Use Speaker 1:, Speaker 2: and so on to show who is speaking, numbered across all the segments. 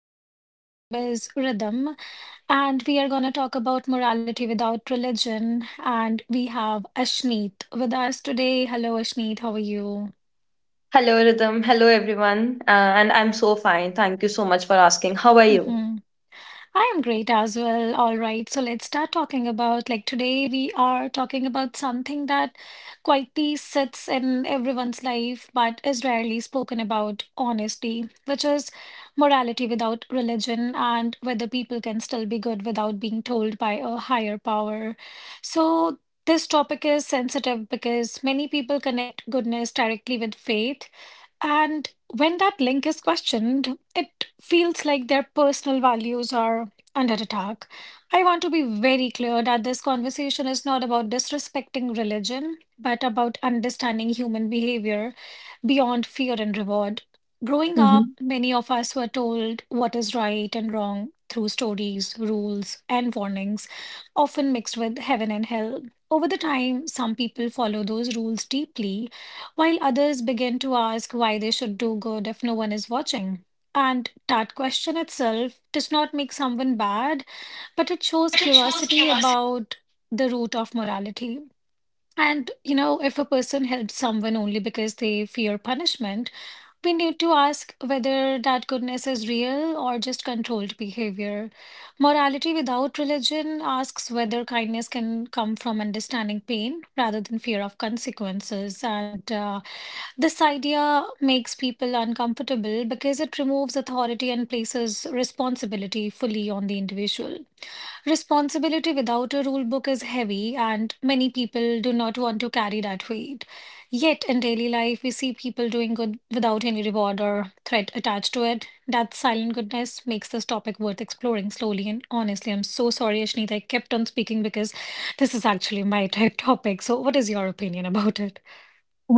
Speaker 1: podcast. My name is Rhythm, and we are going to talk about morality without religion. And we have Ashneet with us today. Hello, Ashneet. How are you?
Speaker 2: Hello, Rhythm. Hello, everyone. And I'm so fine. Thank you so much for asking. How are you?
Speaker 1: Mm-hmm. I am great as well. All right, so let's start talking about today we are talking about something that quietly sits in everyone's life but is rarely spoken about honestly, which is morality without religion and whether people can still be good without being told by a higher power. So this topic is sensitive because many people connect goodness directly with faith, and when that link is questioned, it feels like their personal values are under attack. I want to be very clear that this conversation is not about disrespecting religion, but about understanding human behavior beyond fear and reward. Growing up,
Speaker 2: hmm
Speaker 1: many of us were told what is right and wrong through stories, rules, and warnings, often mixed with heaven and hell. Over the time, some people follow those rules deeply while others begin to ask why they should do good if no one is watching. And that question itself does not make someone bad, but it shows curiosity about the root of morality. And, you know, if a person helps someone only because they fear punishment, we need to ask whether that goodness is real or just controlled behavior. Morality without religion asks whether kindness can come from understanding pain rather than fear of consequences. And This idea makes people uncomfortable because it removes authority and places responsibility fully on the individual. Responsibility without a rule book is heavy, and many people do not want to carry that weight. Yet, in daily life, we see people doing good without any reward or threat attached to it. That silent goodness makes this topic worth exploring slowly and honestly. I'm so sorry, Ashnita, I kept on speaking because this is actually my type topic. So, what is your opinion about it?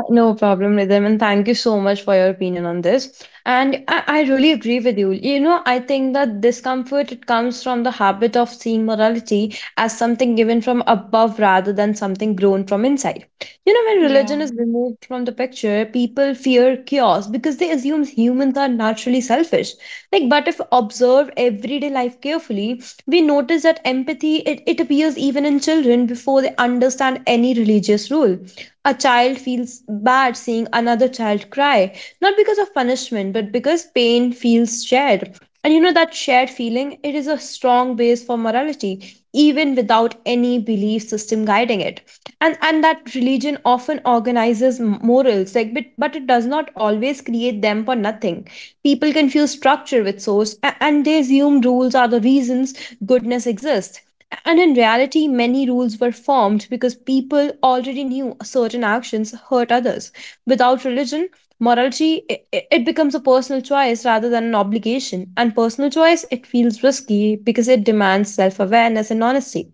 Speaker 2: No problem, Rhythm, and thank you so much for your opinion on this. And I really agree with you. You know, I think that discomfort it comes from the habit of seeing morality as something given from above rather than something grown from inside. You know, when
Speaker 1: Yeah.
Speaker 2: religion is removed from the picture, people fear chaos because they assume humans are naturally selfish. Like, but if observe everyday life carefully, we notice that empathy it appears even in children before they understand any religious rule. A child feels bad seeing another child cry, not because of punishment, but because pain feels shared. And you know, that shared feeling, it is a strong base for morality, even without any belief system guiding it. And that religion often organizes morals, like but it does not always create them for nothing. People confuse structure with source, and they assume rules are the reasons goodness exists. And in reality, many rules were formed because people already knew certain actions hurt others. Without religion, morality, it becomes a personal choice rather than an obligation. And personal choice, it feels risky because it demands self awareness and honesty.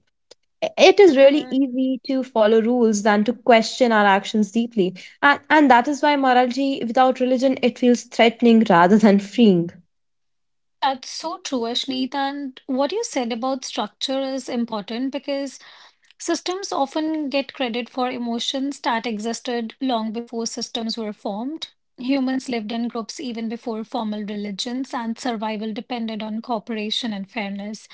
Speaker 2: It is really easy to follow rules than to question our actions deeply. And that is why morality without religion, it feels threatening rather than freeing.
Speaker 1: That's so true, Ashneet. And what you said about structure is important because systems often get credit for emotions that existed long before systems were formed. Humans lived in groups even before formal religions, and survival depended on cooperation and fairness.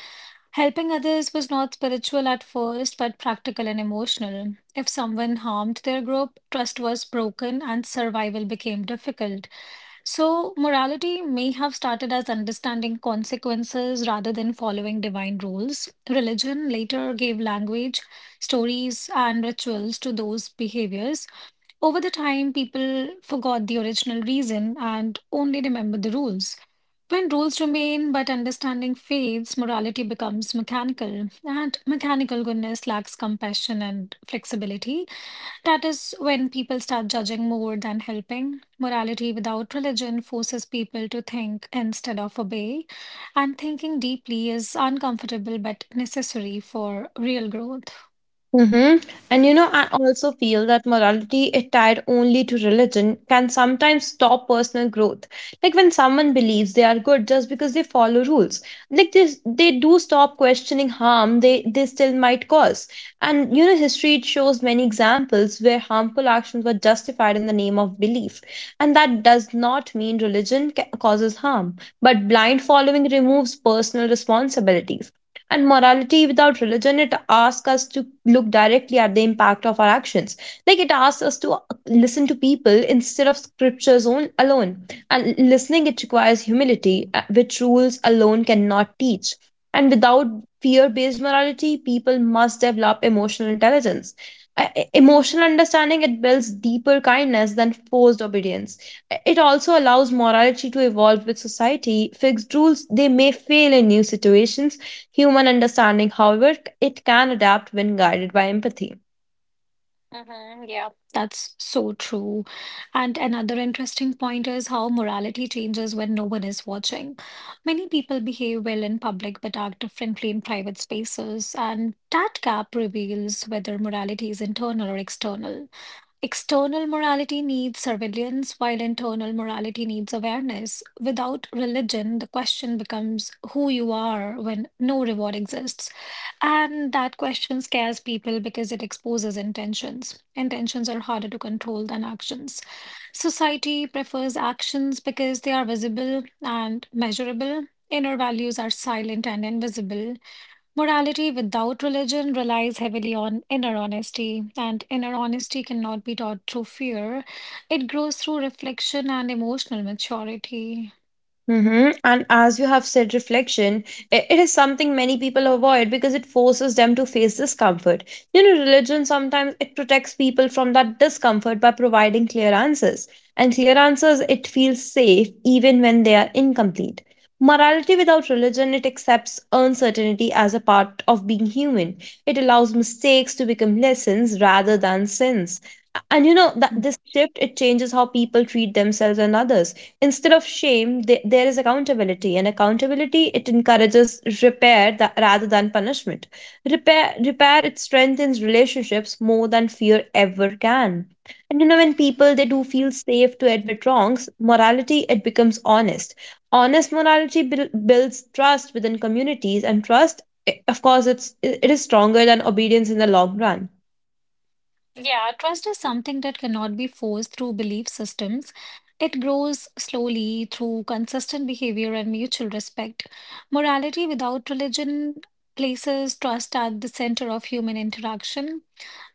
Speaker 1: Helping others was not spiritual at first, but practical and emotional. If someone harmed their group, trust was broken and survival became difficult. So, morality may have started as understanding consequences rather than following divine rules. Religion later gave language, stories, and rituals to those behaviors. Over the time, people forgot the original reason and only remember the rules. When rules remain but understanding fades, morality becomes mechanical, and mechanical goodness lacks compassion and flexibility. That is when people start judging more than helping. Morality without religion forces people to think instead of obey, and thinking deeply is uncomfortable but necessary for real growth.
Speaker 2: Mm-hmm. And you know, I also feel that morality is tied only to religion can sometimes stop personal growth. Like when someone believes they are good just because they follow rules, like this, they do stop questioning harm they still might cause. And you know, history it shows many examples where harmful actions were justified in the name of belief, and that does not mean religion causes harm, but blind following removes personal responsibilities. And morality without religion, it asks us to look directly at the impact of our actions. Like it asks us to listen to people instead of scriptures on, alone. And listening, it requires humility, which rules alone cannot teach. And without fear based morality, people must develop emotional intelligence. Emotional understanding it builds deeper kindness than forced obedience. It also allows morality to evolve with society. Fixed rules, they may fail in new situations. Human understanding, however, it can adapt when guided by empathy.
Speaker 1: That's so true. And another interesting point is how morality changes when no one is watching. Many people behave well in public but act differently in private spaces, and that gap reveals whether morality is internal or external. External morality needs surveillance, while internal morality needs awareness. Without religion, the question becomes who you are when no reward exists. And that question scares people because it exposes intentions. Intentions are harder to control than actions. Society prefers actions because they are visible and measurable. Inner values are silent and invisible. Morality without religion relies heavily on inner honesty, and inner honesty cannot be taught through fear. It grows through reflection and emotional maturity.
Speaker 2: Mm-hmm. And as you have said, reflection, it is something many people avoid because it forces them to face discomfort. You know, religion sometimes it protects people from that discomfort by providing clear answers. And clear answers, it feels safe even when they are incomplete. Morality without religion, it accepts uncertainty as a part of being human. It allows mistakes to become lessons rather than sins. And you know that
Speaker 1: Mm.
Speaker 2: this shift it changes how people treat themselves and others. Instead of shame, there is accountability, and accountability it encourages repair, rather than punishment. Repair it strengthens relationships more than fear ever can. And you know, when people they do feel safe to admit wrongs, morality it becomes honest. Honest morality builds trust within communities, and trust, of course it is stronger than obedience in the long run.
Speaker 1: Yeah, trust is something that cannot be forced through belief systems. It grows slowly through consistent behavior and mutual respect. Morality without religion places trust at the center of human interaction.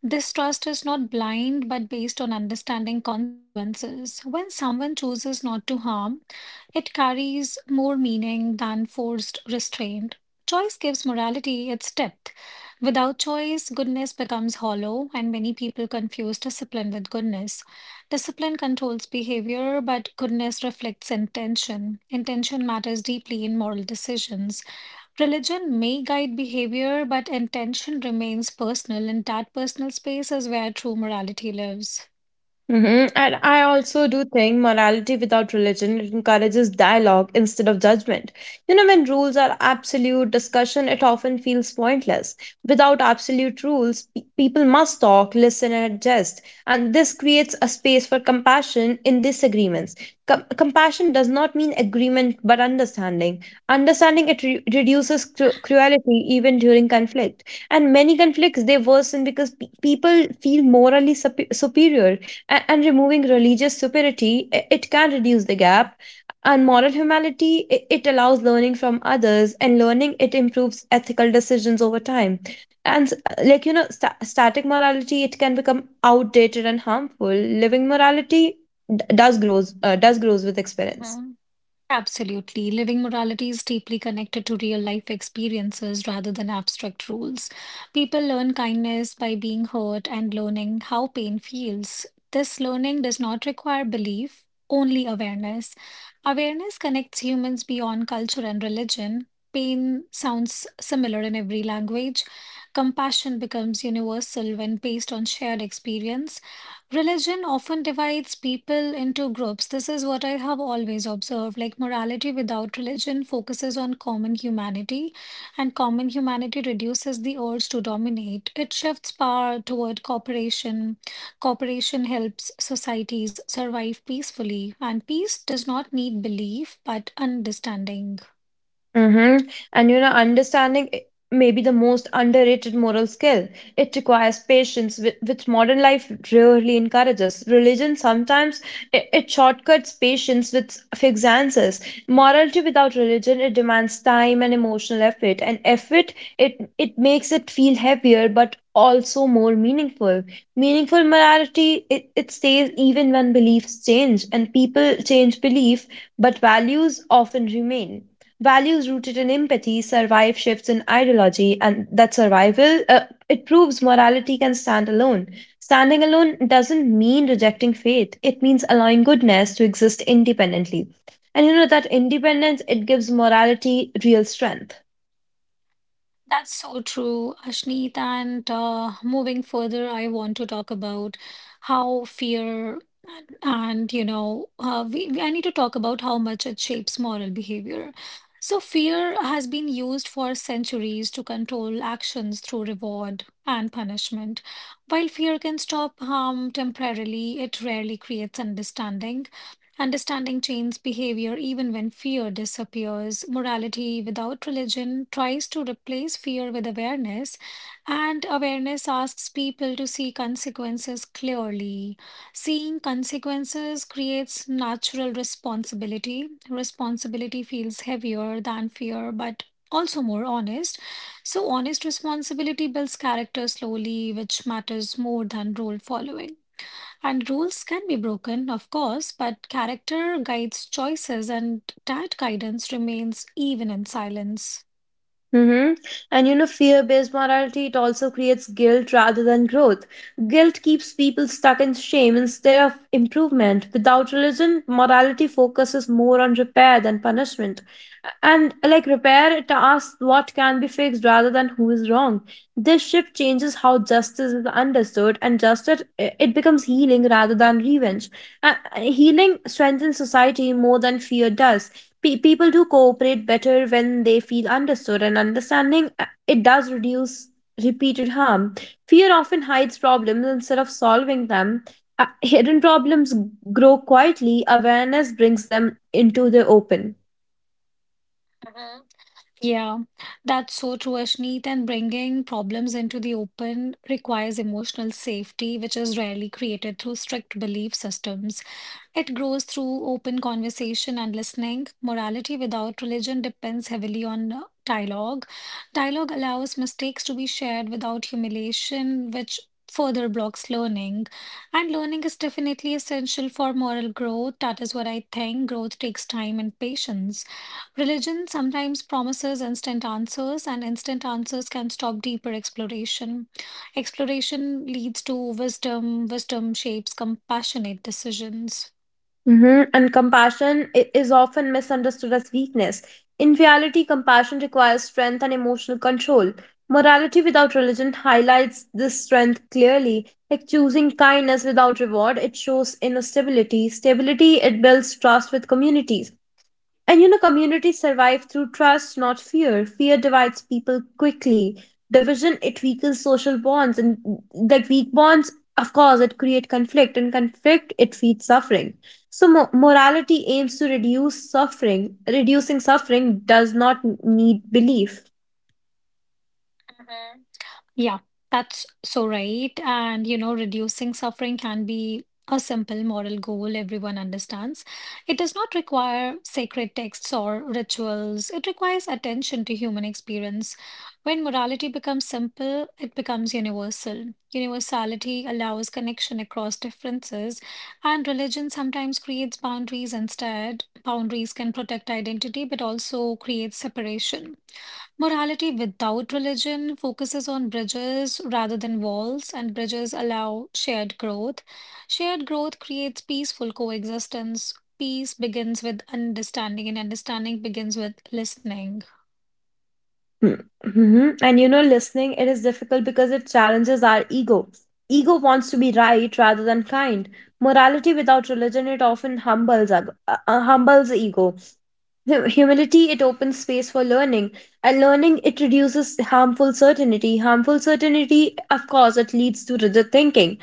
Speaker 1: This trust is not blind but based on understanding consequences. When someone chooses not to harm, it carries more meaning than forced restraint. Choice gives morality its depth. Without choice, goodness becomes hollow, and many people confuse discipline with goodness. Discipline controls behavior, but goodness reflects intention. Intention matters deeply in moral decisions. Religion may guide behavior, but intention remains personal, and that personal space is where true morality lives.
Speaker 2: And I also do think morality without religion it encourages dialogue instead of judgment. You know, when rules are absolute, discussion it often feels pointless. Without absolute rules, people must talk, listen, and adjust. And this creates a space for compassion in disagreements. Compassion does not mean agreement, but understanding. Understanding it reduces cruelty even during conflict. And many conflicts they worsen because people feel morally superior, and removing religious superiority it can reduce the gap. And moral humility it allows learning from others, and learning it improves ethical decisions over time. And like you know, static morality it can become outdated and harmful. Living morality d- does grows with experience.
Speaker 1: Absolutely. Living morality is deeply connected to real life experiences rather than abstract rules. People learn kindness by being hurt and learning how pain feels. This learning does not require belief, only awareness. Awareness connects humans beyond culture and religion. Pain sounds similar in every language. Compassion becomes universal when based on shared experience. Religion often divides people into groups. This is what I have always observed. Morality without religion focuses on common humanity, and common humanity reduces the urge to dominate. It shifts power toward cooperation. Cooperation helps societies survive peacefully, and peace does not need belief but understanding.
Speaker 2: Mm-hmm. And you know, understanding may be the most underrated moral skill. It requires patience, which modern life rarely encourages. Religion sometimes it shortcuts patience with fixed answers. Morality without religion it demands time and emotional effort. And effort it makes it feel heavier, but also more meaningful. Meaningful morality it stays even when beliefs change, and people change belief, but values often remain. Values rooted in empathy survive shifts in ideology, and that survival, it proves morality can stand alone. Standing alone doesn't mean rejecting faith; it means allowing goodness to exist independently. And you know, that independence, it gives morality real strength.
Speaker 1: That's so true, Ashneet. And Moving further, I want to talk about how fear you know, I need to talk about how much it shapes moral behavior. So, fear has been used for centuries to control actions through reward and punishment. While fear can stop harm temporarily, it rarely creates understanding. Understanding changes behavior even when fear disappears. Morality without religion tries to replace fear with awareness, and awareness asks people to see consequences clearly. Seeing consequences creates natural responsibility. Responsibility feels heavier than fear, but also more honest. So, honest responsibility builds character slowly, which matters more than rule following. And rules can be broken, of course, but character guides choices and that guidance remains even in silence.
Speaker 2: Mm-hmm. And you know, fear based morality, it also creates guilt rather than growth. Guilt keeps people stuck in shame instead of improvement. Without religion, morality focuses more on repair than punishment. And like repair, it asks what can be fixed rather than who is wrong. This shift changes how justice is understood, and justice it becomes healing rather than revenge. Healing strengthens society more than fear does. People do cooperate better when they feel understood, and understanding, it does reduce repeated harm. Fear often hides problems instead of solving them. Uh, Hidden problems grow quietly. Awareness brings them into the open.
Speaker 1: Hmm. Yeah, that's so true, Ashneet. And bringing problems into the open requires emotional safety, which is rarely created through strict belief systems. It grows through open conversation and listening. Morality without religion depends heavily on dialogue. Dialogue allows mistakes to be shared without humiliation, which further blocks learning. And learning is definitely essential for moral growth. That is what I think. Growth takes time and patience. Religion sometimes promises instant answers, and instant answers can stop deeper exploration. Exploration leads to wisdom, wisdom shapes compassionate decisions.
Speaker 2: Mm-hmm. And compassion is often misunderstood as weakness. In reality, compassion requires strength and emotional control. Morality without religion highlights this strength clearly. Like choosing kindness without reward, it shows inner stability. Stability, it builds trust with communities. And you know, communities survive through trust, not fear. Fear divides people quickly. Division, it weakens social bonds. And like weak bonds, of course, it create conflict. And conflict, it feeds suffering. So morality aims to reduce suffering. Reducing suffering does not need belief.
Speaker 1: Mhm. Yeah, that's so right. And, you know, reducing suffering can be a simple moral goal everyone understands. It does not require sacred texts or rituals, it requires attention to human experience. When morality becomes simple, it becomes universal. Universality allows connection across differences, and religion sometimes creates boundaries instead. Boundaries can protect identity, but also create separation. Morality without religion focuses on bridges rather than walls, and bridges allow shared growth. Shared growth creates peaceful coexistence. Peace begins with understanding, and understanding begins with listening.
Speaker 2: Hmm, Mm-hmm. And you know, listening, it is difficult because it challenges our ego. Ego wants to be right rather than kind. Morality without religion, it often humbles, humbles ego. Humility, it opens space for learning, and learning, it reduces harmful certainty. Harmful certainty, of course, it leads to rigid thinking.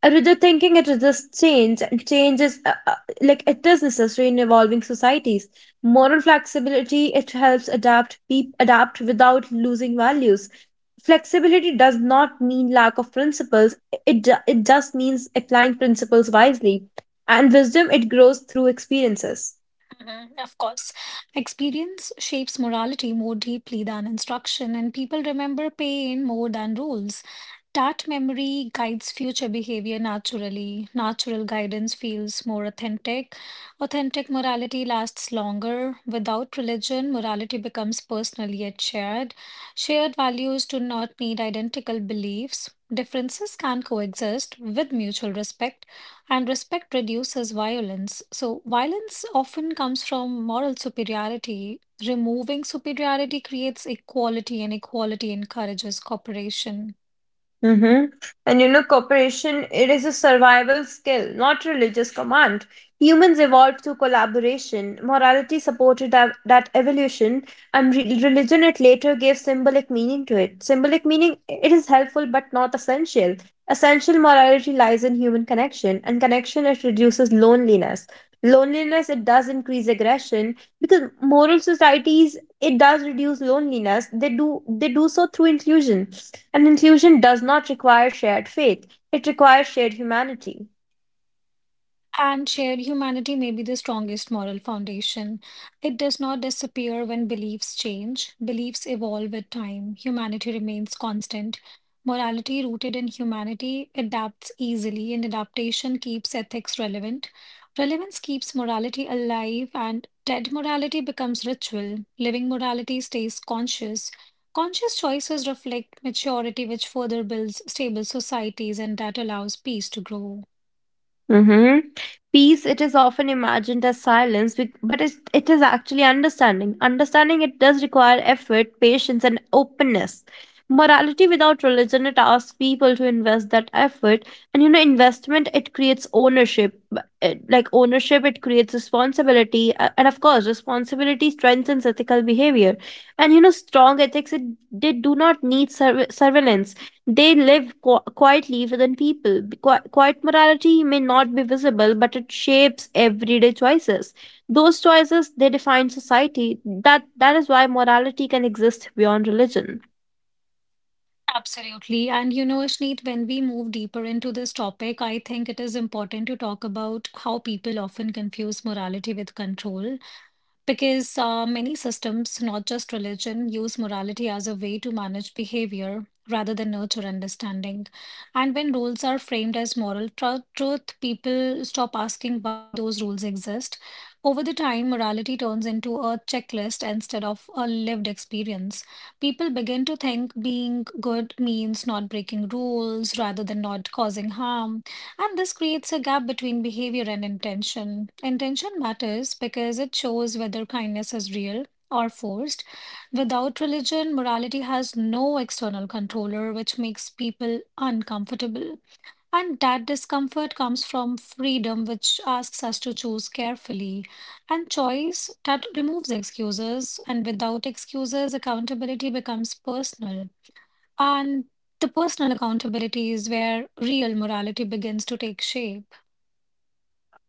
Speaker 2: A rigid thinking, it resists change, and change is, like, it is necessary in evolving societies. Moral flexibility, it helps adapt, peop adapt without losing values. Flexibility does not mean lack of principles. It just means applying principles wisely, and wisdom, it grows through experiences.
Speaker 1: Mhm, of course, experience shapes morality more deeply than instruction, and people remember pain more than rules. That memory guides future behavior naturally. Natural guidance feels more authentic. Authentic morality lasts longer. Without religion, morality becomes personal yet shared. Shared values do not need identical beliefs. Differences can coexist with mutual respect, and respect reduces violence. So, violence often comes from moral superiority. Removing superiority creates equality, and equality encourages cooperation.
Speaker 2: Mm-hmm. And you know, cooperation, it is a survival skill, not religious command. Humans evolved through collaboration. Morality supported that evolution, and religion it later gave symbolic meaning to it. Symbolic meaning, it is helpful but not essential. Essential morality lies in human connection, and connection it reduces loneliness. Loneliness it does increase aggression, because moral societies it does reduce loneliness. They do so through inclusion, and inclusion does not require shared faith, it requires shared humanity.
Speaker 1: And shared humanity may be the strongest moral foundation. It does not disappear when beliefs change. Beliefs evolve with time. Humanity remains constant. Morality rooted in humanity adapts easily, and adaptation keeps ethics relevant. Relevance keeps morality alive, and dead morality becomes ritual. Living morality stays conscious. Conscious choices reflect maturity, which further builds stable societies and that allows peace to grow.
Speaker 2: Mm-hmm. Peace, it is often imagined as silence, but it is actually understanding. Understanding it does require effort, patience, and openness. Morality without religion, it asks people to invest that effort. And you know, investment, it creates ownership. Like ownership, it creates responsibility. And of course, responsibility strengthens ethical behavior. And you know, strong ethics, they do not need surveillance. They live quietly within people. Quiet morality may not be visible, but it shapes everyday choices. Those choices they define society. That is why morality can exist beyond religion.
Speaker 1: Absolutely. And you know, Ashneet, when we move deeper into this topic, I think it is important to talk about how people often confuse morality with control. Because many systems, not just religion, use morality as a way to manage behavior rather than nurture understanding. And when rules are framed as moral truth, people stop asking why those rules exist. Over the time, morality turns into a checklist instead of a lived experience. People begin to think being good means not breaking rules rather than not causing harm. And this creates a gap between behavior and intention. Intention matters because it shows whether kindness is real or forced. Without religion, morality has no external controller, which makes people uncomfortable. And that discomfort comes from freedom, which asks us to choose carefully. And choice that removes excuses. And without excuses, accountability becomes personal. And the personal accountability is where real morality begins to take shape.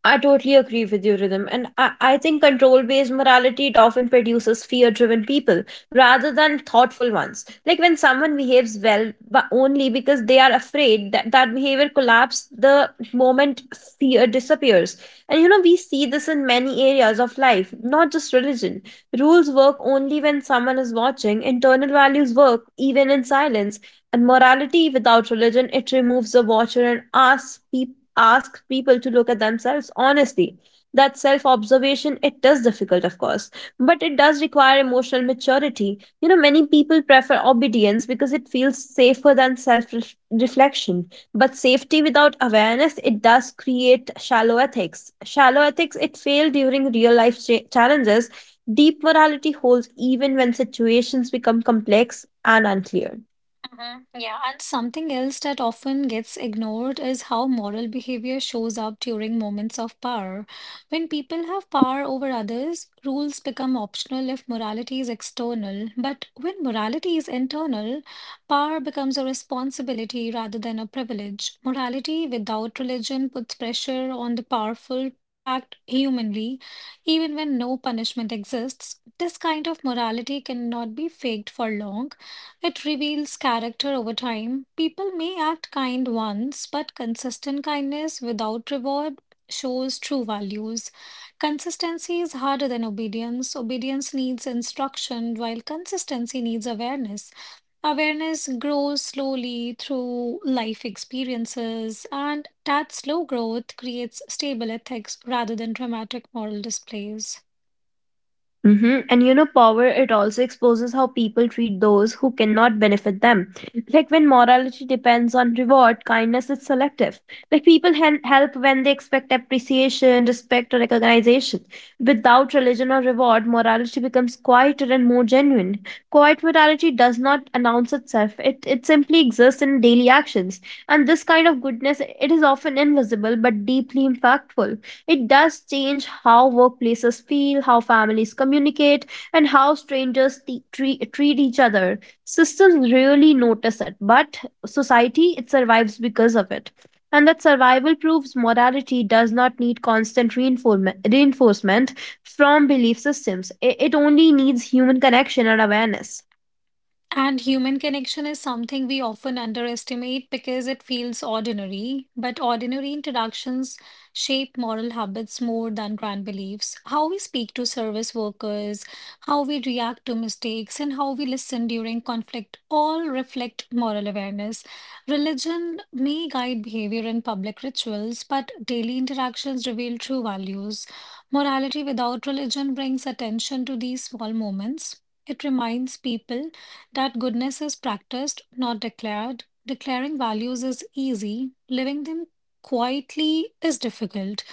Speaker 2: I totally agree with you, Rhythm. And I think control based morality it often produces fear driven people rather than thoughtful ones. Like when someone behaves well, but only because they are afraid, that that behavior collapses the moment fear disappears. And you know, we see this in many areas of life, not just religion. Rules work only when someone is watching, internal values work even in silence, and morality without religion, it removes the watcher and asks, peop asks people to look at themselves honestly. That self observation, it is difficult, of course, but it does require emotional maturity. You know, many people prefer obedience because it feels safer than self reflection. But safety without awareness, it does create shallow ethics. Shallow ethics, it fail during real life challenges. Deep morality holds even when situations become complex and unclear.
Speaker 1: Mhm. Yeah, and something else that often gets ignored is how moral behavior shows up during moments of power. When people have power over others, rules become optional if morality is external. But when morality is internal, power becomes a responsibility rather than a privilege. Morality without religion puts pressure on the powerful to act humanly, even when no punishment exists. This kind of morality cannot be faked for long. It reveals character over time. People may act kind once, but consistent kindness without reward shows true values. Consistency is harder than obedience. Obedience needs instruction, while consistency needs awareness. Awareness grows slowly through life experiences, and that slow growth creates stable ethics rather than dramatic moral displays.
Speaker 2: And you know, power, it also exposes how people treat those who cannot benefit them. Like when morality depends on reward, kindness is selective. Like people help when they expect appreciation, respect, or recognition. Without religion or reward, morality becomes quieter and more genuine. Quiet morality does not announce itself, it simply exists in daily actions. And this kind of goodness, it is often invisible but deeply impactful. It does change how workplaces feel, how families communicate, and how strangers treat each other. Systems really notice it, but society, it survives because of it. And that survival proves morality does not need constant reinforcement from belief systems. It only needs human connection and awareness.
Speaker 1: And human connection is something we often underestimate because it feels ordinary, but ordinary interactions shape moral habits more than grand beliefs. How we speak to service workers, how we react to mistakes, and how we listen during conflict all reflect moral awareness. Religion may guide behavior in public rituals, but daily interactions reveal true values. Morality without religion brings attention to these small moments. It reminds people that goodness is practiced, not declared. Declaring values is easy, living them quietly is difficult.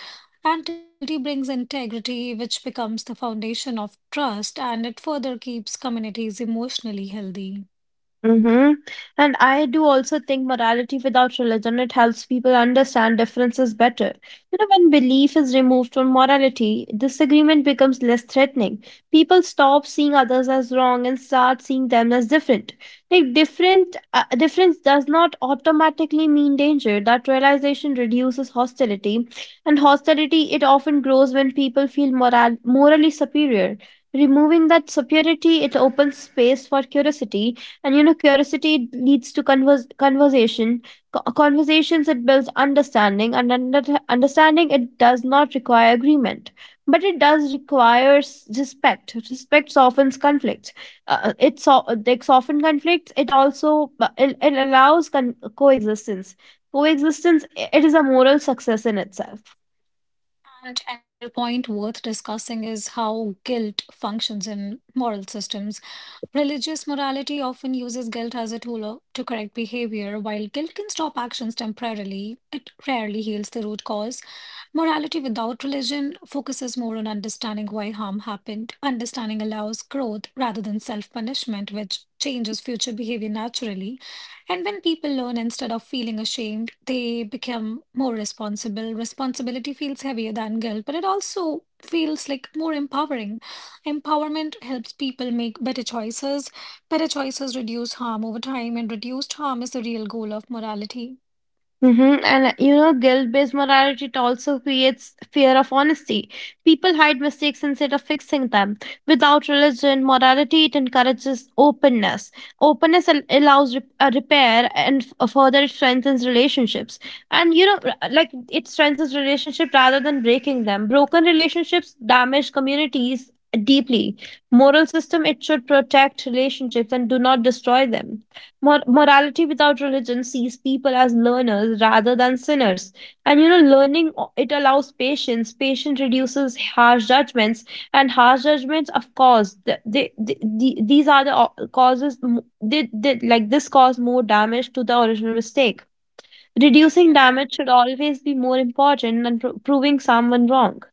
Speaker 1: And difficulty brings integrity, which becomes the foundation of trust and it further keeps communities emotionally healthy.
Speaker 2: Mm-hmm. And I do also think morality without religion, it helps people understand differences better. You know, when belief is removed from morality, disagreement becomes less threatening. People stop seeing others as wrong and start seeing them as different. Like different difference does not automatically mean danger. That realization reduces hostility, and hostility it often grows when people feel morally superior. Removing that superiority, it opens space for curiosity, and you know curiosity leads to conversation. Conversations it builds understanding, and understanding it does not require agreement, but it does requires respect. Respect softens conflict. It so- like Soften conflicts it also, but it allows coexistence. Coexistence it is a moral success in itself.
Speaker 1: And another point worth discussing is how guilt functions in moral systems. Religious morality often uses guilt as a tool to correct behavior. While guilt can stop actions temporarily, it rarely heals the root cause. Morality without religion focuses more on understanding why harm happened. Understanding allows growth rather than self punishment, which changes future behavior naturally. And when people learn instead of feeling ashamed, they become more responsible. Responsibility feels heavier than guilt, but it also feels like more empowering. Empowerment helps people make better choices. Better choices reduce harm over time, and reduced harm is the real goal of morality.
Speaker 2: Mm-hmm. And you know, guilt based morality it also creates fear of honesty. People hide mistakes instead of fixing them. Without religion, morality it encourages openness. Openness allows repair, and further it strengthens relationships. And you know, it strengthens relationship rather than breaking them. Broken relationships damage communities deeply. Moral system it should protect relationships and do not destroy them. Morality without religion sees people as learners rather than sinners. And you know, learning it allows patience. Patience reduces harsh judgments, and harsh judgments, of course, these are the causes. M- they, like This cause more damage to the original mistake. Reducing damage should always be more important than proving someone wrong.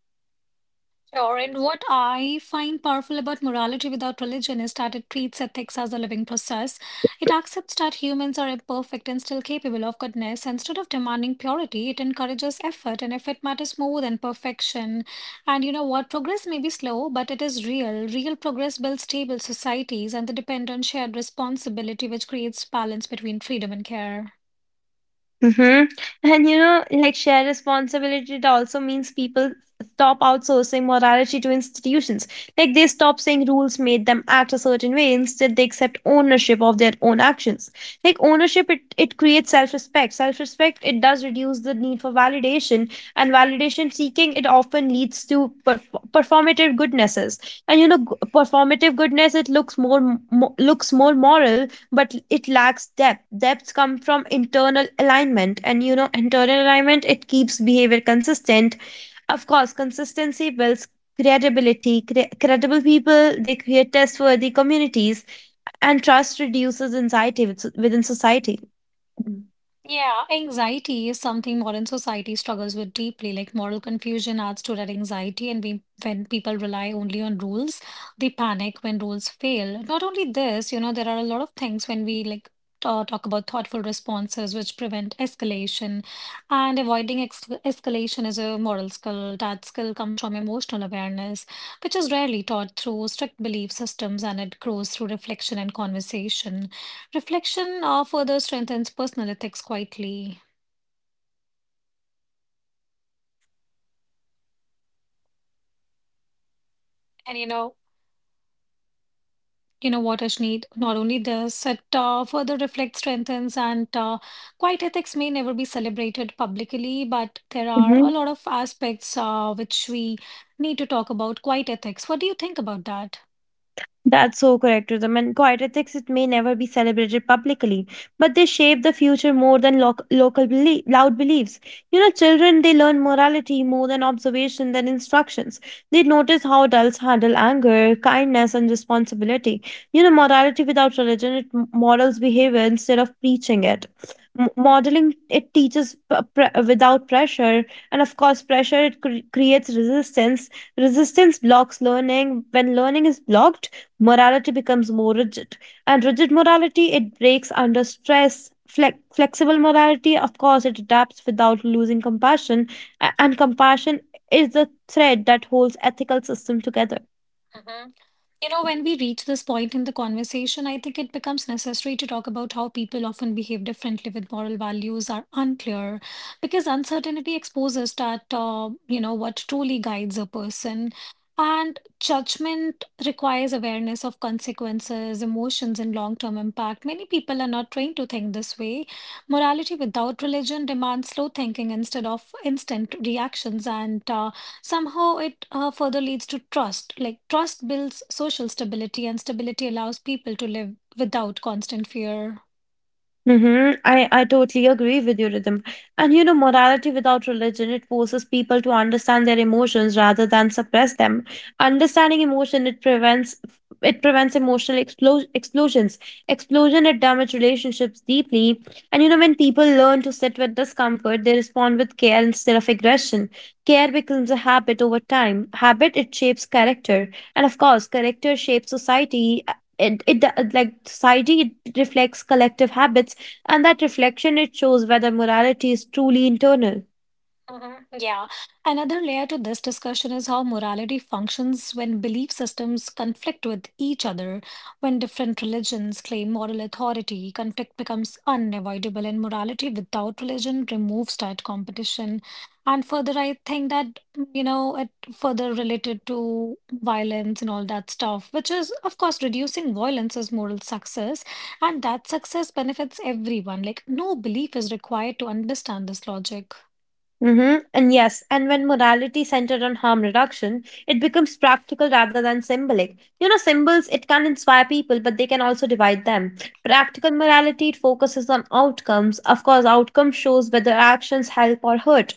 Speaker 1: Sure, and what I find powerful about morality without religion is that it treats ethics as a living process. It accepts that humans are imperfect and still capable of goodness. Instead of demanding purity, it encourages effort, and effort matters more than perfection. And you know what? Progress may be slow, but it is real. Real progress builds stable societies, and they depend on shared responsibility, which creates balance between freedom and care.
Speaker 2: Mm-hmm. And you know, like shared responsibility, it also means people stop outsourcing morality to institutions. Like they stop saying rules made them act a certain way. Instead, they accept ownership of their own actions. Like ownership, it creates self-respect. Self-respect, it does reduce the need for validation. And validation seeking, it often leads to performative goodnesses. And performative goodness, it looks more, looks more moral, but it lacks depth. Depths come from internal alignment, and you know internal alignment it keeps behavior consistent. Of course consistency builds credibility. Credible people they create trustworthy communities, and trust reduces anxiety within society.
Speaker 1: Yeah, anxiety is something modern society struggles with deeply. Like moral confusion adds to that anxiety, and we, when people rely only on rules, they panic when rules fail. Not only this, you know, there are a lot of things when we like talk about thoughtful responses which prevent escalation, and avoiding ex escalation is a moral skill. That skill comes from emotional awareness, which is rarely taught through strict belief systems, and it grows through reflection and conversation. Reflection further strengthens personal ethics quietly. And you know what, Ashneet, not only this, it further reflect strengthens, and quiet ethics may never be celebrated publicly, but there are a
Speaker 2: Mhm.
Speaker 1: lot of aspects which we need to talk about quiet ethics. What do you think about that?
Speaker 2: That's so correct, Rhythm. And quiet ethics, it may never be celebrated publicly, but they shape the future more than loud beliefs. You know, children, they learn morality more than observation, than instructions. They notice how adults handle anger, kindness, and responsibility. You know, morality without religion, it models behavior instead of preaching it. Modeling, it teaches without pressure. And of course, pressure, it creates resistance. Resistance blocks learning. When learning is blocked, morality becomes more rigid. And rigid morality, it breaks under stress. Flexible morality, of course, it adapts without losing compassion. And compassion is the thread that holds ethical system together.
Speaker 1: You know, when we reach this point in the conversation, I think it becomes necessary to talk about how people often behave differently with moral values are unclear because uncertainty exposes that, you know, what truly guides a person. And judgment requires awareness of consequences, emotions, and long term impact. Many people are not trained to think this way. Morality without religion demands slow thinking instead of instant reactions. And somehow, it further leads to trust. Like, trust builds social stability, and stability allows people to live without constant fear.
Speaker 2: Mm-hmm. I totally agree with you, Rhythm. And you know, morality without religion, it forces people to understand their emotions rather than suppress them. Understanding emotion, it prevents emotional explosions. Explosion, it damages relationships deeply. And you know, when people learn to sit with discomfort, they respond with care instead of aggression. Care becomes a habit over time. Habit, it shapes character. And of course, character shapes society. It like Society it reflects collective habits, and that reflection it shows whether morality is truly internal.
Speaker 1: Mhm. Yeah. Another layer to this discussion is how morality functions when belief systems conflict with each other. When different religions claim moral authority, conflict becomes unavoidable, and morality without religion removes that competition. And further, I think that, you know, it further related to violence and all that stuff, which is, of course, reducing violence is moral success, and that success benefits everyone. Like, no belief is required to understand this logic.
Speaker 2: Hmm. And yes, and when morality centered on harm reduction, it becomes practical rather than symbolic. You know, symbols, it can inspire people, but they can also divide them. Practical morality, it focuses on outcomes. Of course, outcome shows whether actions help or hurt.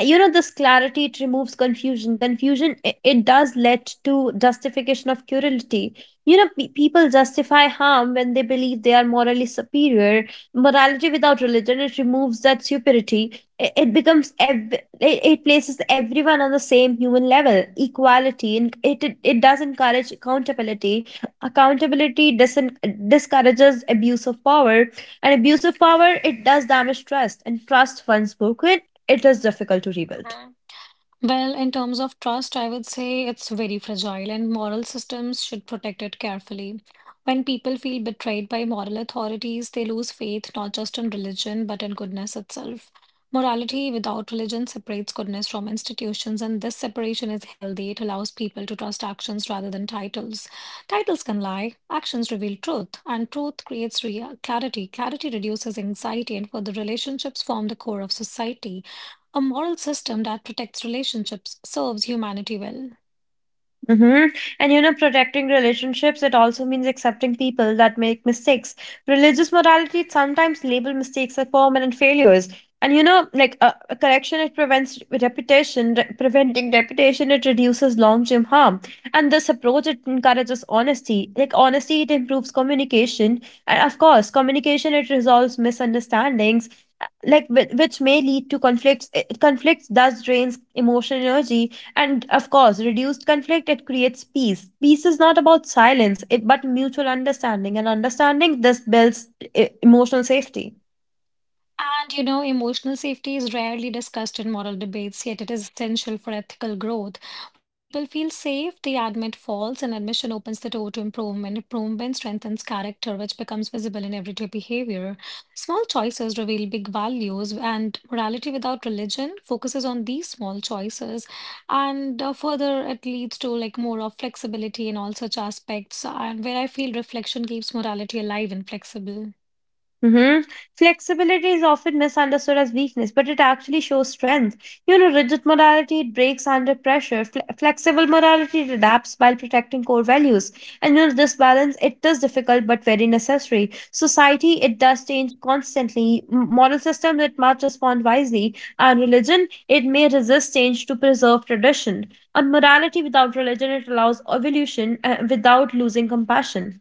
Speaker 2: You know, this clarity, it removes confusion. Confusion, it does lead to justification of cruelty. You know, people justify harm when they believe they are morally superior. Morality without religion, it removes that superiority. It, it becomes ev- it, it places everyone on the same human level equality, and it does encourage accountability. Accountability doesn't discourages abuse of power, and abuse of power it does damage trust, and trust once broken it is difficult to rebuild.
Speaker 1: Well, in terms of trust, I would say it's very fragile, and moral systems should protect it carefully. When people feel betrayed by moral authorities, they lose faith not just in religion, but in goodness itself. Morality without religion separates goodness from institutions, and this separation is healthy. It allows people to trust actions rather than titles. Titles can lie, actions reveal truth, and truth creates clarity. Clarity reduces anxiety, and for the relationships form the core of society. A moral system that protects relationships serves humanity well.
Speaker 2: Mm-hmm. And you know, protecting relationships, it also means accepting people that make mistakes. Religious morality sometimes label mistakes as permanent failures. And you know, like a correction, it prevents reputation, preventing reputation, it reduces long term harm. And this approach, it encourages honesty. Like honesty, it improves communication. And of course, communication, it resolves misunderstandings, like which may lead to conflicts. Eh, conflicts thus drains emotional energy, and of course reduced conflict it creates peace. Peace is not about silence it, but mutual understanding, and understanding this builds emotional safety.
Speaker 1: And you know, emotional safety is rarely discussed in moral debates, yet it is essential for ethical growth. When people feel safe, they admit faults, and admission opens the door to improvement. Improvement strengthens character, which becomes visible in everyday behavior. Small choices reveal big values, and morality without religion focuses on these small choices. And further, it leads to like more of flexibility in all such aspects, and where I feel reflection keeps morality alive and flexible.
Speaker 2: Mm-hmm. Flexibility is often misunderstood as weakness, but it actually shows strength. You know, rigid morality it breaks under pressure. Flexible morality it adapts while protecting core values. And you know, this balance it is difficult but very necessary. Society it does change constantly. Moral systems it must respond wisely, and religion it may resist change to preserve tradition. And morality without religion it allows evolution without losing compassion.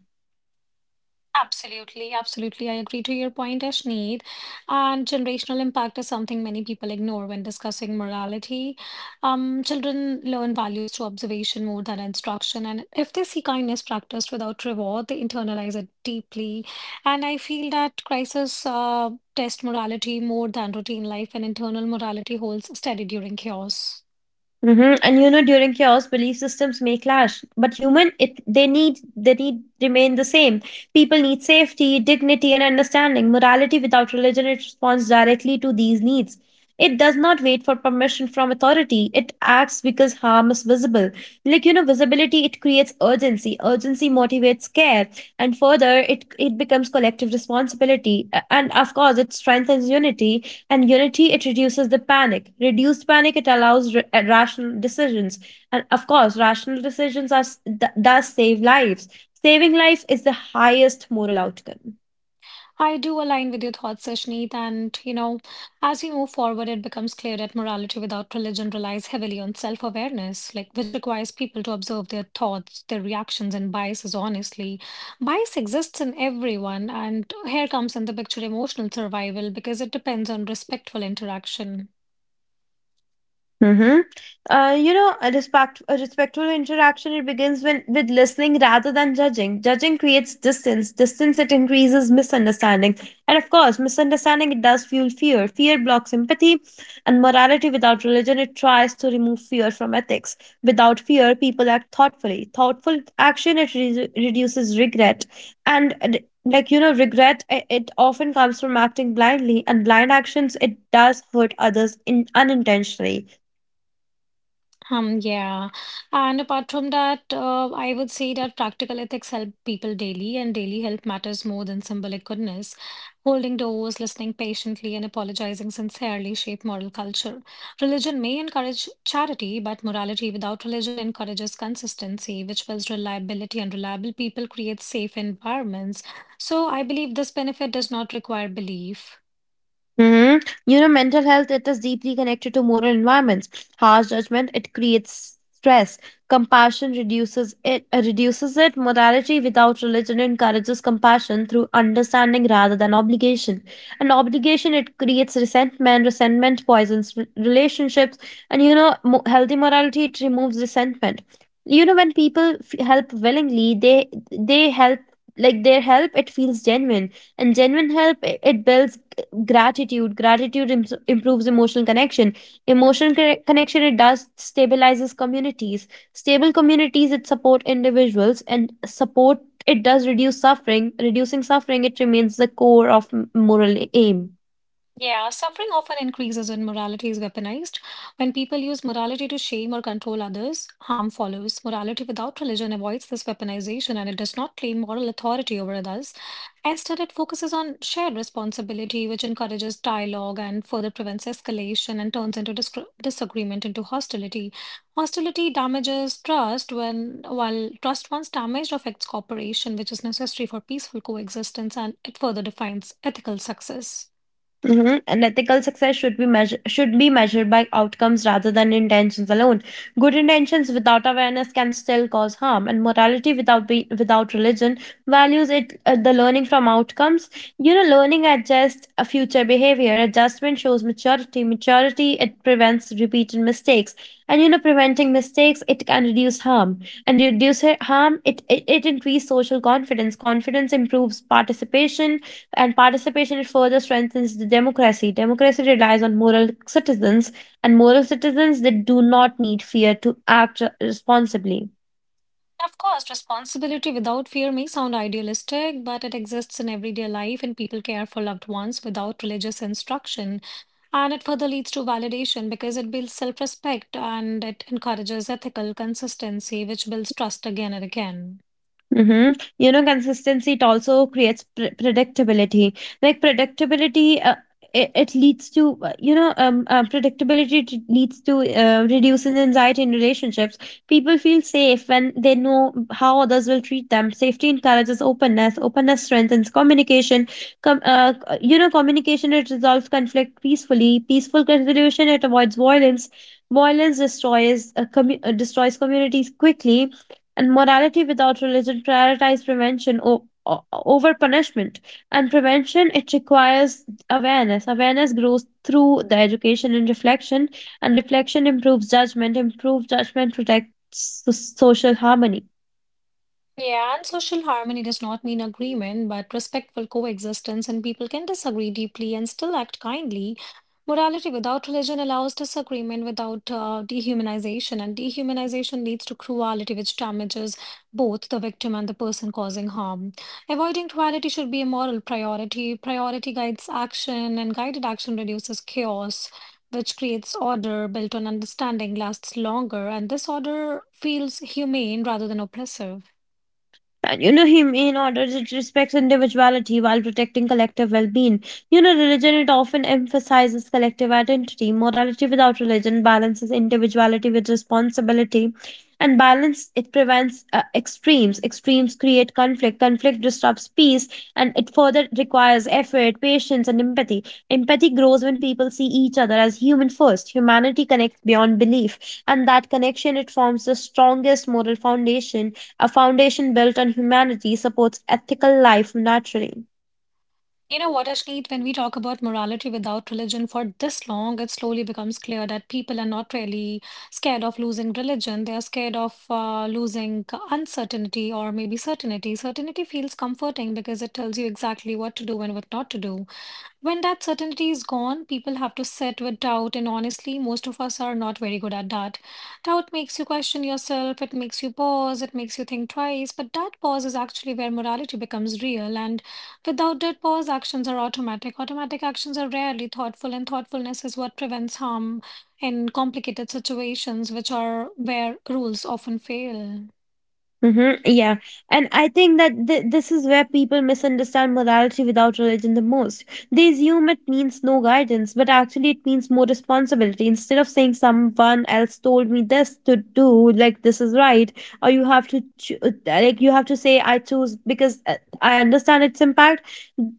Speaker 1: Absolutely, absolutely. I agree to your point, Ashneet. And generational impact is something many people ignore when discussing morality. Children learn values through observation more than instruction. And if they see kindness practiced without reward, they internalize it deeply. And I feel that crisis test morality more than routine life, and internal morality holds steady during chaos.
Speaker 2: Hmm. And you know, during chaos, belief systems may clash, but human, it they need remain the same. People need safety, dignity, and understanding. Morality without religion, it responds directly to these needs. It does not wait for permission from authority. It acts because harm is visible. Like you know, visibility it creates urgency. Urgency motivates care, and further, it becomes collective responsibility. And of course, it strengthens unity, and unity, it reduces the panic. Reduced panic, it allows rational decisions. And of course, rational decisions are thus save lives. Saving life is the highest moral outcome.
Speaker 1: I do align with your thoughts, Sashneet, and you know, as we move forward, it becomes clear that morality without religion relies heavily on self-awareness, like which requires people to observe their thoughts, their reactions, and biases honestly. Bias exists in everyone, and here comes in the picture emotional survival because it depends on respectful interaction.
Speaker 2: Mm-hmm. You know, a respectful interaction it begins when with listening rather than judging. Judging creates distance. Distance it increases misunderstanding, and of course, misunderstanding it does fuel fear. Fear blocks empathy, and morality without religion it tries to remove fear from ethics. Without fear, people act thoughtfully. Thoughtful action it reduces regret, and you know, regret it often comes from acting blindly, and blind actions it does hurt others in unintentionally.
Speaker 1: Yeah. And apart from that, I would say that practical ethics help people daily, and daily help matters more than symbolic goodness. Holding doors, listening patiently, and apologizing sincerely shape moral culture. Religion may encourage charity, but morality without religion encourages consistency, which builds reliability, and reliable people create safe environments. So I believe this benefit does not require belief.
Speaker 2: Hmm. You know, mental health it is deeply connected to moral environments. Harsh judgment it creates stress. Compassion reduces it reduces it. Morality without religion encourages compassion through understanding rather than obligation. And obligation it creates resentment. Resentment poisons relationships. And you know, healthy morality it removes resentment. You know, when people help willingly, they help like their help it feels genuine, and genuine help it builds gratitude. Gratitude improves emotional connection. Emotional connection it does stabilizes communities. Stable communities it support individuals, and support it does reduce suffering. Reducing suffering it remains the core of moral aim.
Speaker 1: Yeah, suffering often increases when morality is weaponized. When people use morality to shame or control others, harm follows. Morality without religion avoids this weaponization and it does not claim moral authority over others. Instead, it focuses on shared responsibility, which encourages dialogue and further prevents escalation and turns into discr disagreement into hostility. Hostility damages trust when, while trust once damaged affects cooperation, which is necessary for peaceful coexistence, and it further defines ethical success.
Speaker 2: Mhm. An ethical success should be measured by outcomes rather than intentions alone. Good intentions without awareness can still cause harm, and morality without religion values it the learning from outcomes. You know, learning adjusts a future behavior. Adjustment shows maturity. Maturity it prevents repeated mistakes, and you know, preventing mistakes it can reduce harm, and reduce harm it increases social confidence. Confidence improves participation, and participation it further strengthens the democracy. Democracy relies on moral citizens, and moral citizens that do not need fear to act responsibly.
Speaker 1: Of course, responsibility without fear may sound idealistic, but it exists in everyday life, and people care for loved ones without religious instruction. And it further leads to validation because it builds self respect and it encourages ethical consistency, which builds trust again and again.
Speaker 2: Mhm. You know, consistency it also creates predictability. Like predictability, it, it leads to you know, predictability leads to reducing anxiety in relationships. People feel safe when they know how others will treat them. Safety encourages openness. Openness strengthens communication. You know, communication it resolves conflict peacefully. Peaceful resolution it avoids violence. Violence destroys destroys communities quickly, and morality without religion prioritize prevention over punishment, and prevention it requires awareness. Awareness grows through the education and reflection, and reflection improves judgment. Improved judgment protects social harmony.
Speaker 1: Yeah, and social harmony does not mean agreement, but respectful coexistence, and people can disagree deeply and still act kindly. Morality without religion allows disagreement without dehumanization, and dehumanization leads to cruelty, which damages both the victim and the person causing harm. Avoiding cruelty should be a moral priority. Priority guides action, and guided action reduces chaos, which creates order built on understanding, lasts longer, and this order feels humane rather than oppressive.
Speaker 2: And you know, him in order it respects individuality while protecting collective well-being. You know, religion it often emphasizes collective identity. Morality without religion balances individuality with responsibility, and balance it prevents extremes. Extremes create conflict. Conflict disrupts peace, and it further requires effort, patience, and empathy. Empathy grows when people see each other as human first. Humanity connects beyond belief, and that connection it forms the strongest moral foundation. A foundation built on humanity supports ethical life naturally.
Speaker 1: You know what, Ashneet, when we talk about morality without religion for this long, it slowly becomes clear that people are not really scared of losing religion. They are scared of losing uncertainty or maybe certainty. Certainty feels comforting because it tells you exactly what to do and what not to do. When that certainty is gone, people have to sit with doubt, and honestly, most of us are not very good at that. Doubt makes you question yourself, it makes you pause, it makes you think twice, but that pause is actually where morality becomes real, and without that pause, actions are automatic. Automatic actions are rarely thoughtful, and thoughtfulness is what prevents harm in complicated situations, which are where rules often fail.
Speaker 2: Mm-hmm. Yeah. And I think that this is where people misunderstand morality without religion the most. They assume it means no guidance, but actually it means more responsibility. Instead of saying someone else told me this to do, like this is right, or you have to cho- like you have to say I choose because I understand its impact.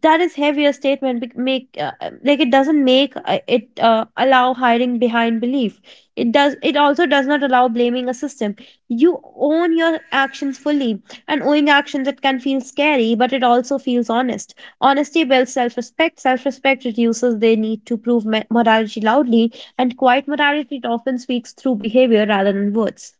Speaker 2: That is heavier statement. Bec- Make Like it doesn't make it allow hiding behind belief. It does. It also does not allow blaming a system, you own your actions fully, and owning actions it can feel scary, but it also feels honest. Honesty builds self-respect. Self-respect reduces the need to prove morality loudly, and quiet morality it often speaks through behavior rather than words.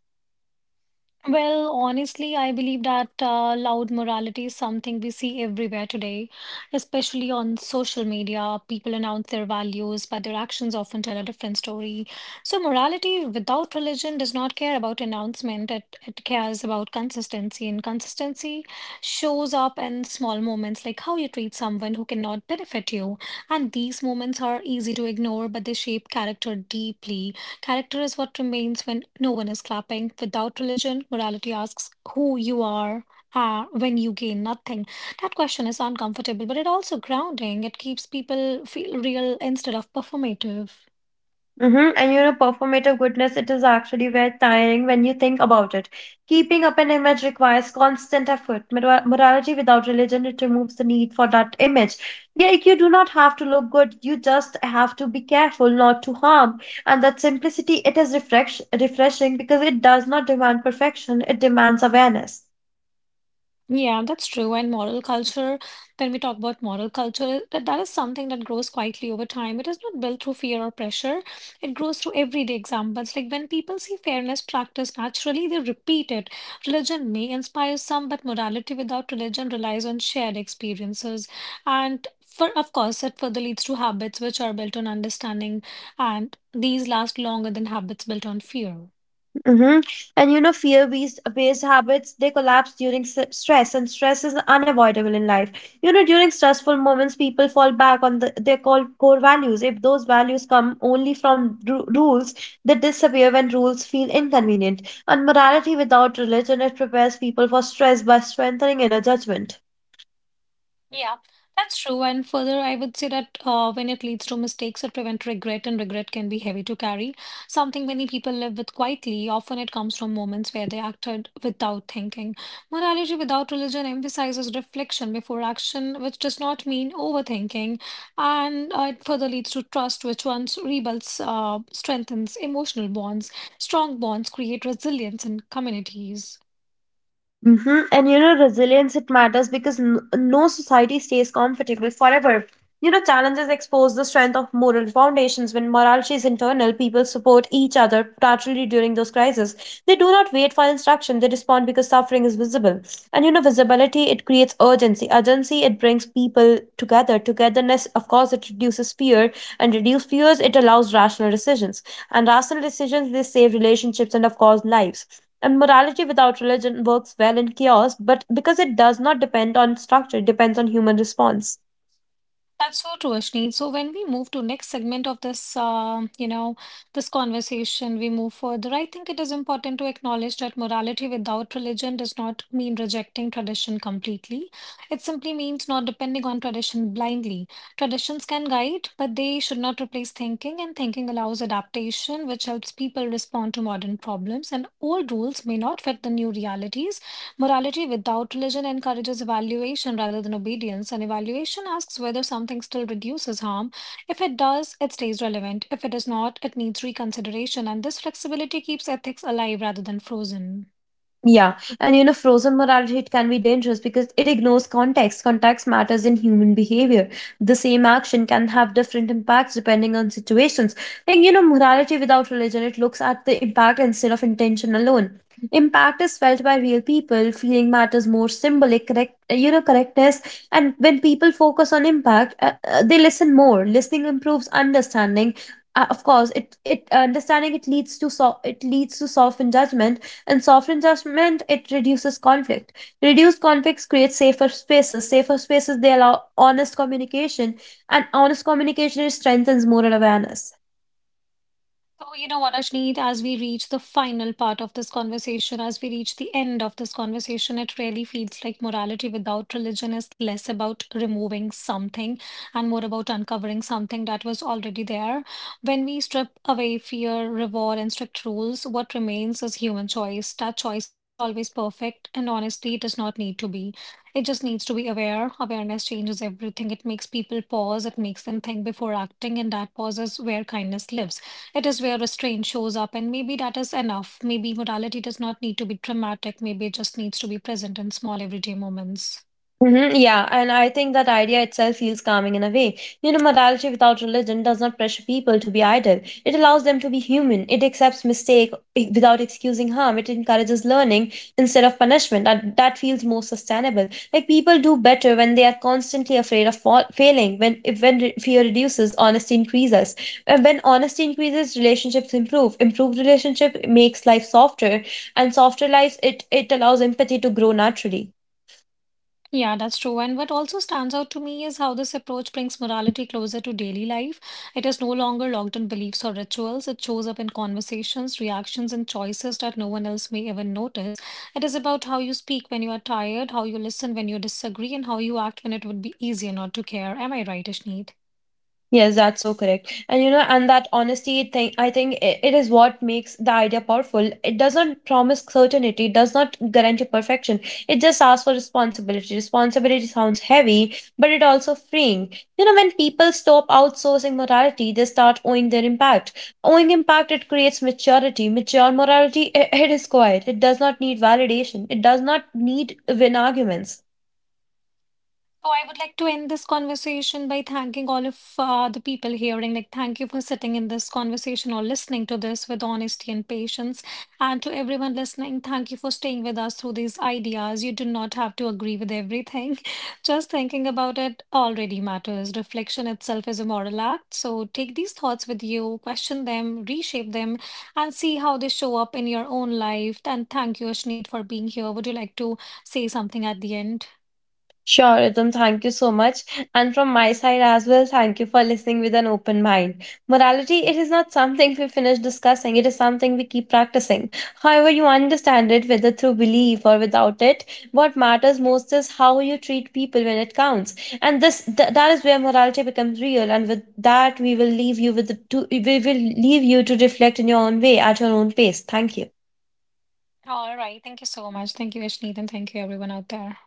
Speaker 1: Well, honestly, I believe that loud morality is something we see everywhere today, especially on social media. People announce their values, but their actions often tell a different story. So, morality without religion does not care about announcement, it cares about consistency. And consistency shows up in small moments, like how you treat someone who cannot benefit you. And these moments are easy to ignore, but they shape character deeply. Character is what remains when no one is clapping. Without religion, morality asks who you are when you gain nothing. That question is uncomfortable, but it also grounding. It keeps people feel real instead of performative.
Speaker 2: Mhm. Performative goodness, it is actually very tiring when you think about it. Keeping up an image requires constant effort. Morality without religion, it removes the need for that image. Yeah, like, you do not have to look good. You just have to be careful not to harm. And that simplicity, it is refreshing because it does not demand perfection. It demands awareness.
Speaker 1: Yeah, that's true. And moral culture, when we talk about moral culture, that is something that grows quietly over time. It is not built through fear or pressure. It grows through everyday examples. Like when people see fairness practiced naturally, they repeat it. Religion may inspire some, but morality without religion relies on shared experiences. And for, of course, it further leads to habits which are built on understanding, and these last longer than habits built on fear.
Speaker 2: Mm-hmm. Fear-based based based habits they collapse during stress, and stress is unavoidable in life. You know, during stressful moments, people fall back on their called core values. If those values come only from rules, they disappear when rules feel inconvenient. And morality without religion it prepares people for stress by strengthening inner judgment.
Speaker 1: Yeah, that's true. And further, I would say that when it leads to mistakes, it prevents regret, and regret can be heavy to carry. Something many people live with quietly. Often, it comes from moments where they acted without thinking. Morality without religion emphasizes reflection before action, which does not mean overthinking. And it further leads to trust, which once rebuilds, strengthens emotional bonds. Strong bonds create resilience in communities.
Speaker 2: Hmm. Resilience, it matters because no society stays comfortable forever. You know, challenges expose the strength of moral foundations. When morality is internal, people support each other naturally during those crises. They do not wait for instruction, they respond because suffering is visible. And you know, visibility, it creates urgency. Urgency, it brings people together. Togetherness, of course, it reduces fear. And reduce fears, it allows rational decisions. And rational decisions, they save relationships and, of course, lives, and morality without religion works well in chaos, but because it does not depend on structure, it depends on human response.
Speaker 1: That's so true, Ashni. So when we move to next segment of this, you know, this conversation, we move further. I think it is important to acknowledge that morality without religion does not mean rejecting tradition completely. It simply means not depending on tradition blindly. Traditions can guide, but they should not replace thinking, and thinking allows adaptation, which helps people respond to modern problems. And old rules may not fit the new realities. Morality without religion encourages evaluation rather than obedience, and evaluation asks whether something still reduces harm. If it does, it stays relevant. If it does not, it needs reconsideration, and this flexibility keeps ethics alive rather than frozen.
Speaker 2: Yeah, and you know, frozen morality it can be dangerous because it ignores context. Context matters in human behavior. The same action can have different impacts depending on situations. Like you know, morality without religion it looks at the impact instead of intention alone. Impact is felt by real people. Feeling matters more symbolic, correct? You know, correctness. And when people focus on impact, they listen more. Listening improves understanding. Of course, it understanding it leads to so it leads to soften judgment, and soft adjustment it reduces conflict, reduced conflicts create safer spaces, safer spaces they allow honest communication, and honest communication it strengthens moral awareness.
Speaker 1: So, you know what, Ashneet, as we reach the final part of this conversation, as we reach the end of this conversation, it really feels like morality without religion is less about removing something and more about uncovering something that was already there. When we strip away fear, reward, and strict rules, what remains is human choice. That choice is not always perfect, and honestly, it does not need to be. It just needs to be aware. Awareness changes everything. It makes people pause, it makes them think before acting, and that pause is where kindness lives. It is where restraint shows up, and maybe that is enough. Maybe morality does not need to be dramatic, maybe it just needs to be present in small everyday moments.
Speaker 2: Hmm. Yeah, and I think that idea itself feels calming in a way. You know, morality without religion does not pressure people to be idle. It allows them to be human. It accepts mistake without excusing harm. It encourages learning instead of punishment. That feels more sustainable. Like people do better when they are constantly afraid of failing. When if when re- fear reduces, honesty increases. And when honesty increases, relationships improve. Improved relationship makes life softer, and softer lives it allows empathy to grow naturally.
Speaker 1: Yeah, that's true. And what also stands out to me is how this approach brings morality closer to daily life. It is no longer locked in beliefs or rituals. It shows up in conversations, reactions, and choices that no one else may even notice. It is about how you speak when you are tired, how you listen when you disagree, and how you act when it would be easier not to care. Am I right, Ashneet?
Speaker 2: Yes, that's so correct. And you know, and that honesty thing, I think I it is what makes the idea powerful. It doesn't promise certainty, it does not guarantee perfection. It just asks for responsibility. Responsibility sounds heavy, but it also freeing. You know, when people stop outsourcing morality, they start owning their impact. Owning impact, it creates maturity. Mature morality, I it is quiet. It does not need validation. It does not need win arguments.
Speaker 1: So I would like to end this conversation by thanking all of the people hearing. Like, thank you for sitting in this conversation or listening to this with honesty and patience. And to everyone listening, thank you for staying with us through these ideas. You do not have to agree with everything. Just thinking about it already matters. Reflection itself is a moral act. So take these thoughts with you, question them, reshape them, and see how they show up in your own life. And thank you, Ashneet, for being here. Would you like to say something at the end?
Speaker 2: Sure, Ritam, thank you so much. And from my side as well, thank you for listening with an open mind. Morality, it is not something we finish discussing, it is something we keep practicing. However, you understand it, whether through belief or without it, what matters most is how you treat people when it counts. And that is where morality becomes real. And with that, we will leave you with we will leave you to reflect in your own way at your own pace. Thank you.
Speaker 1: All right. Thank you so much. Thank you, Ashneet, and thank you, everyone out there.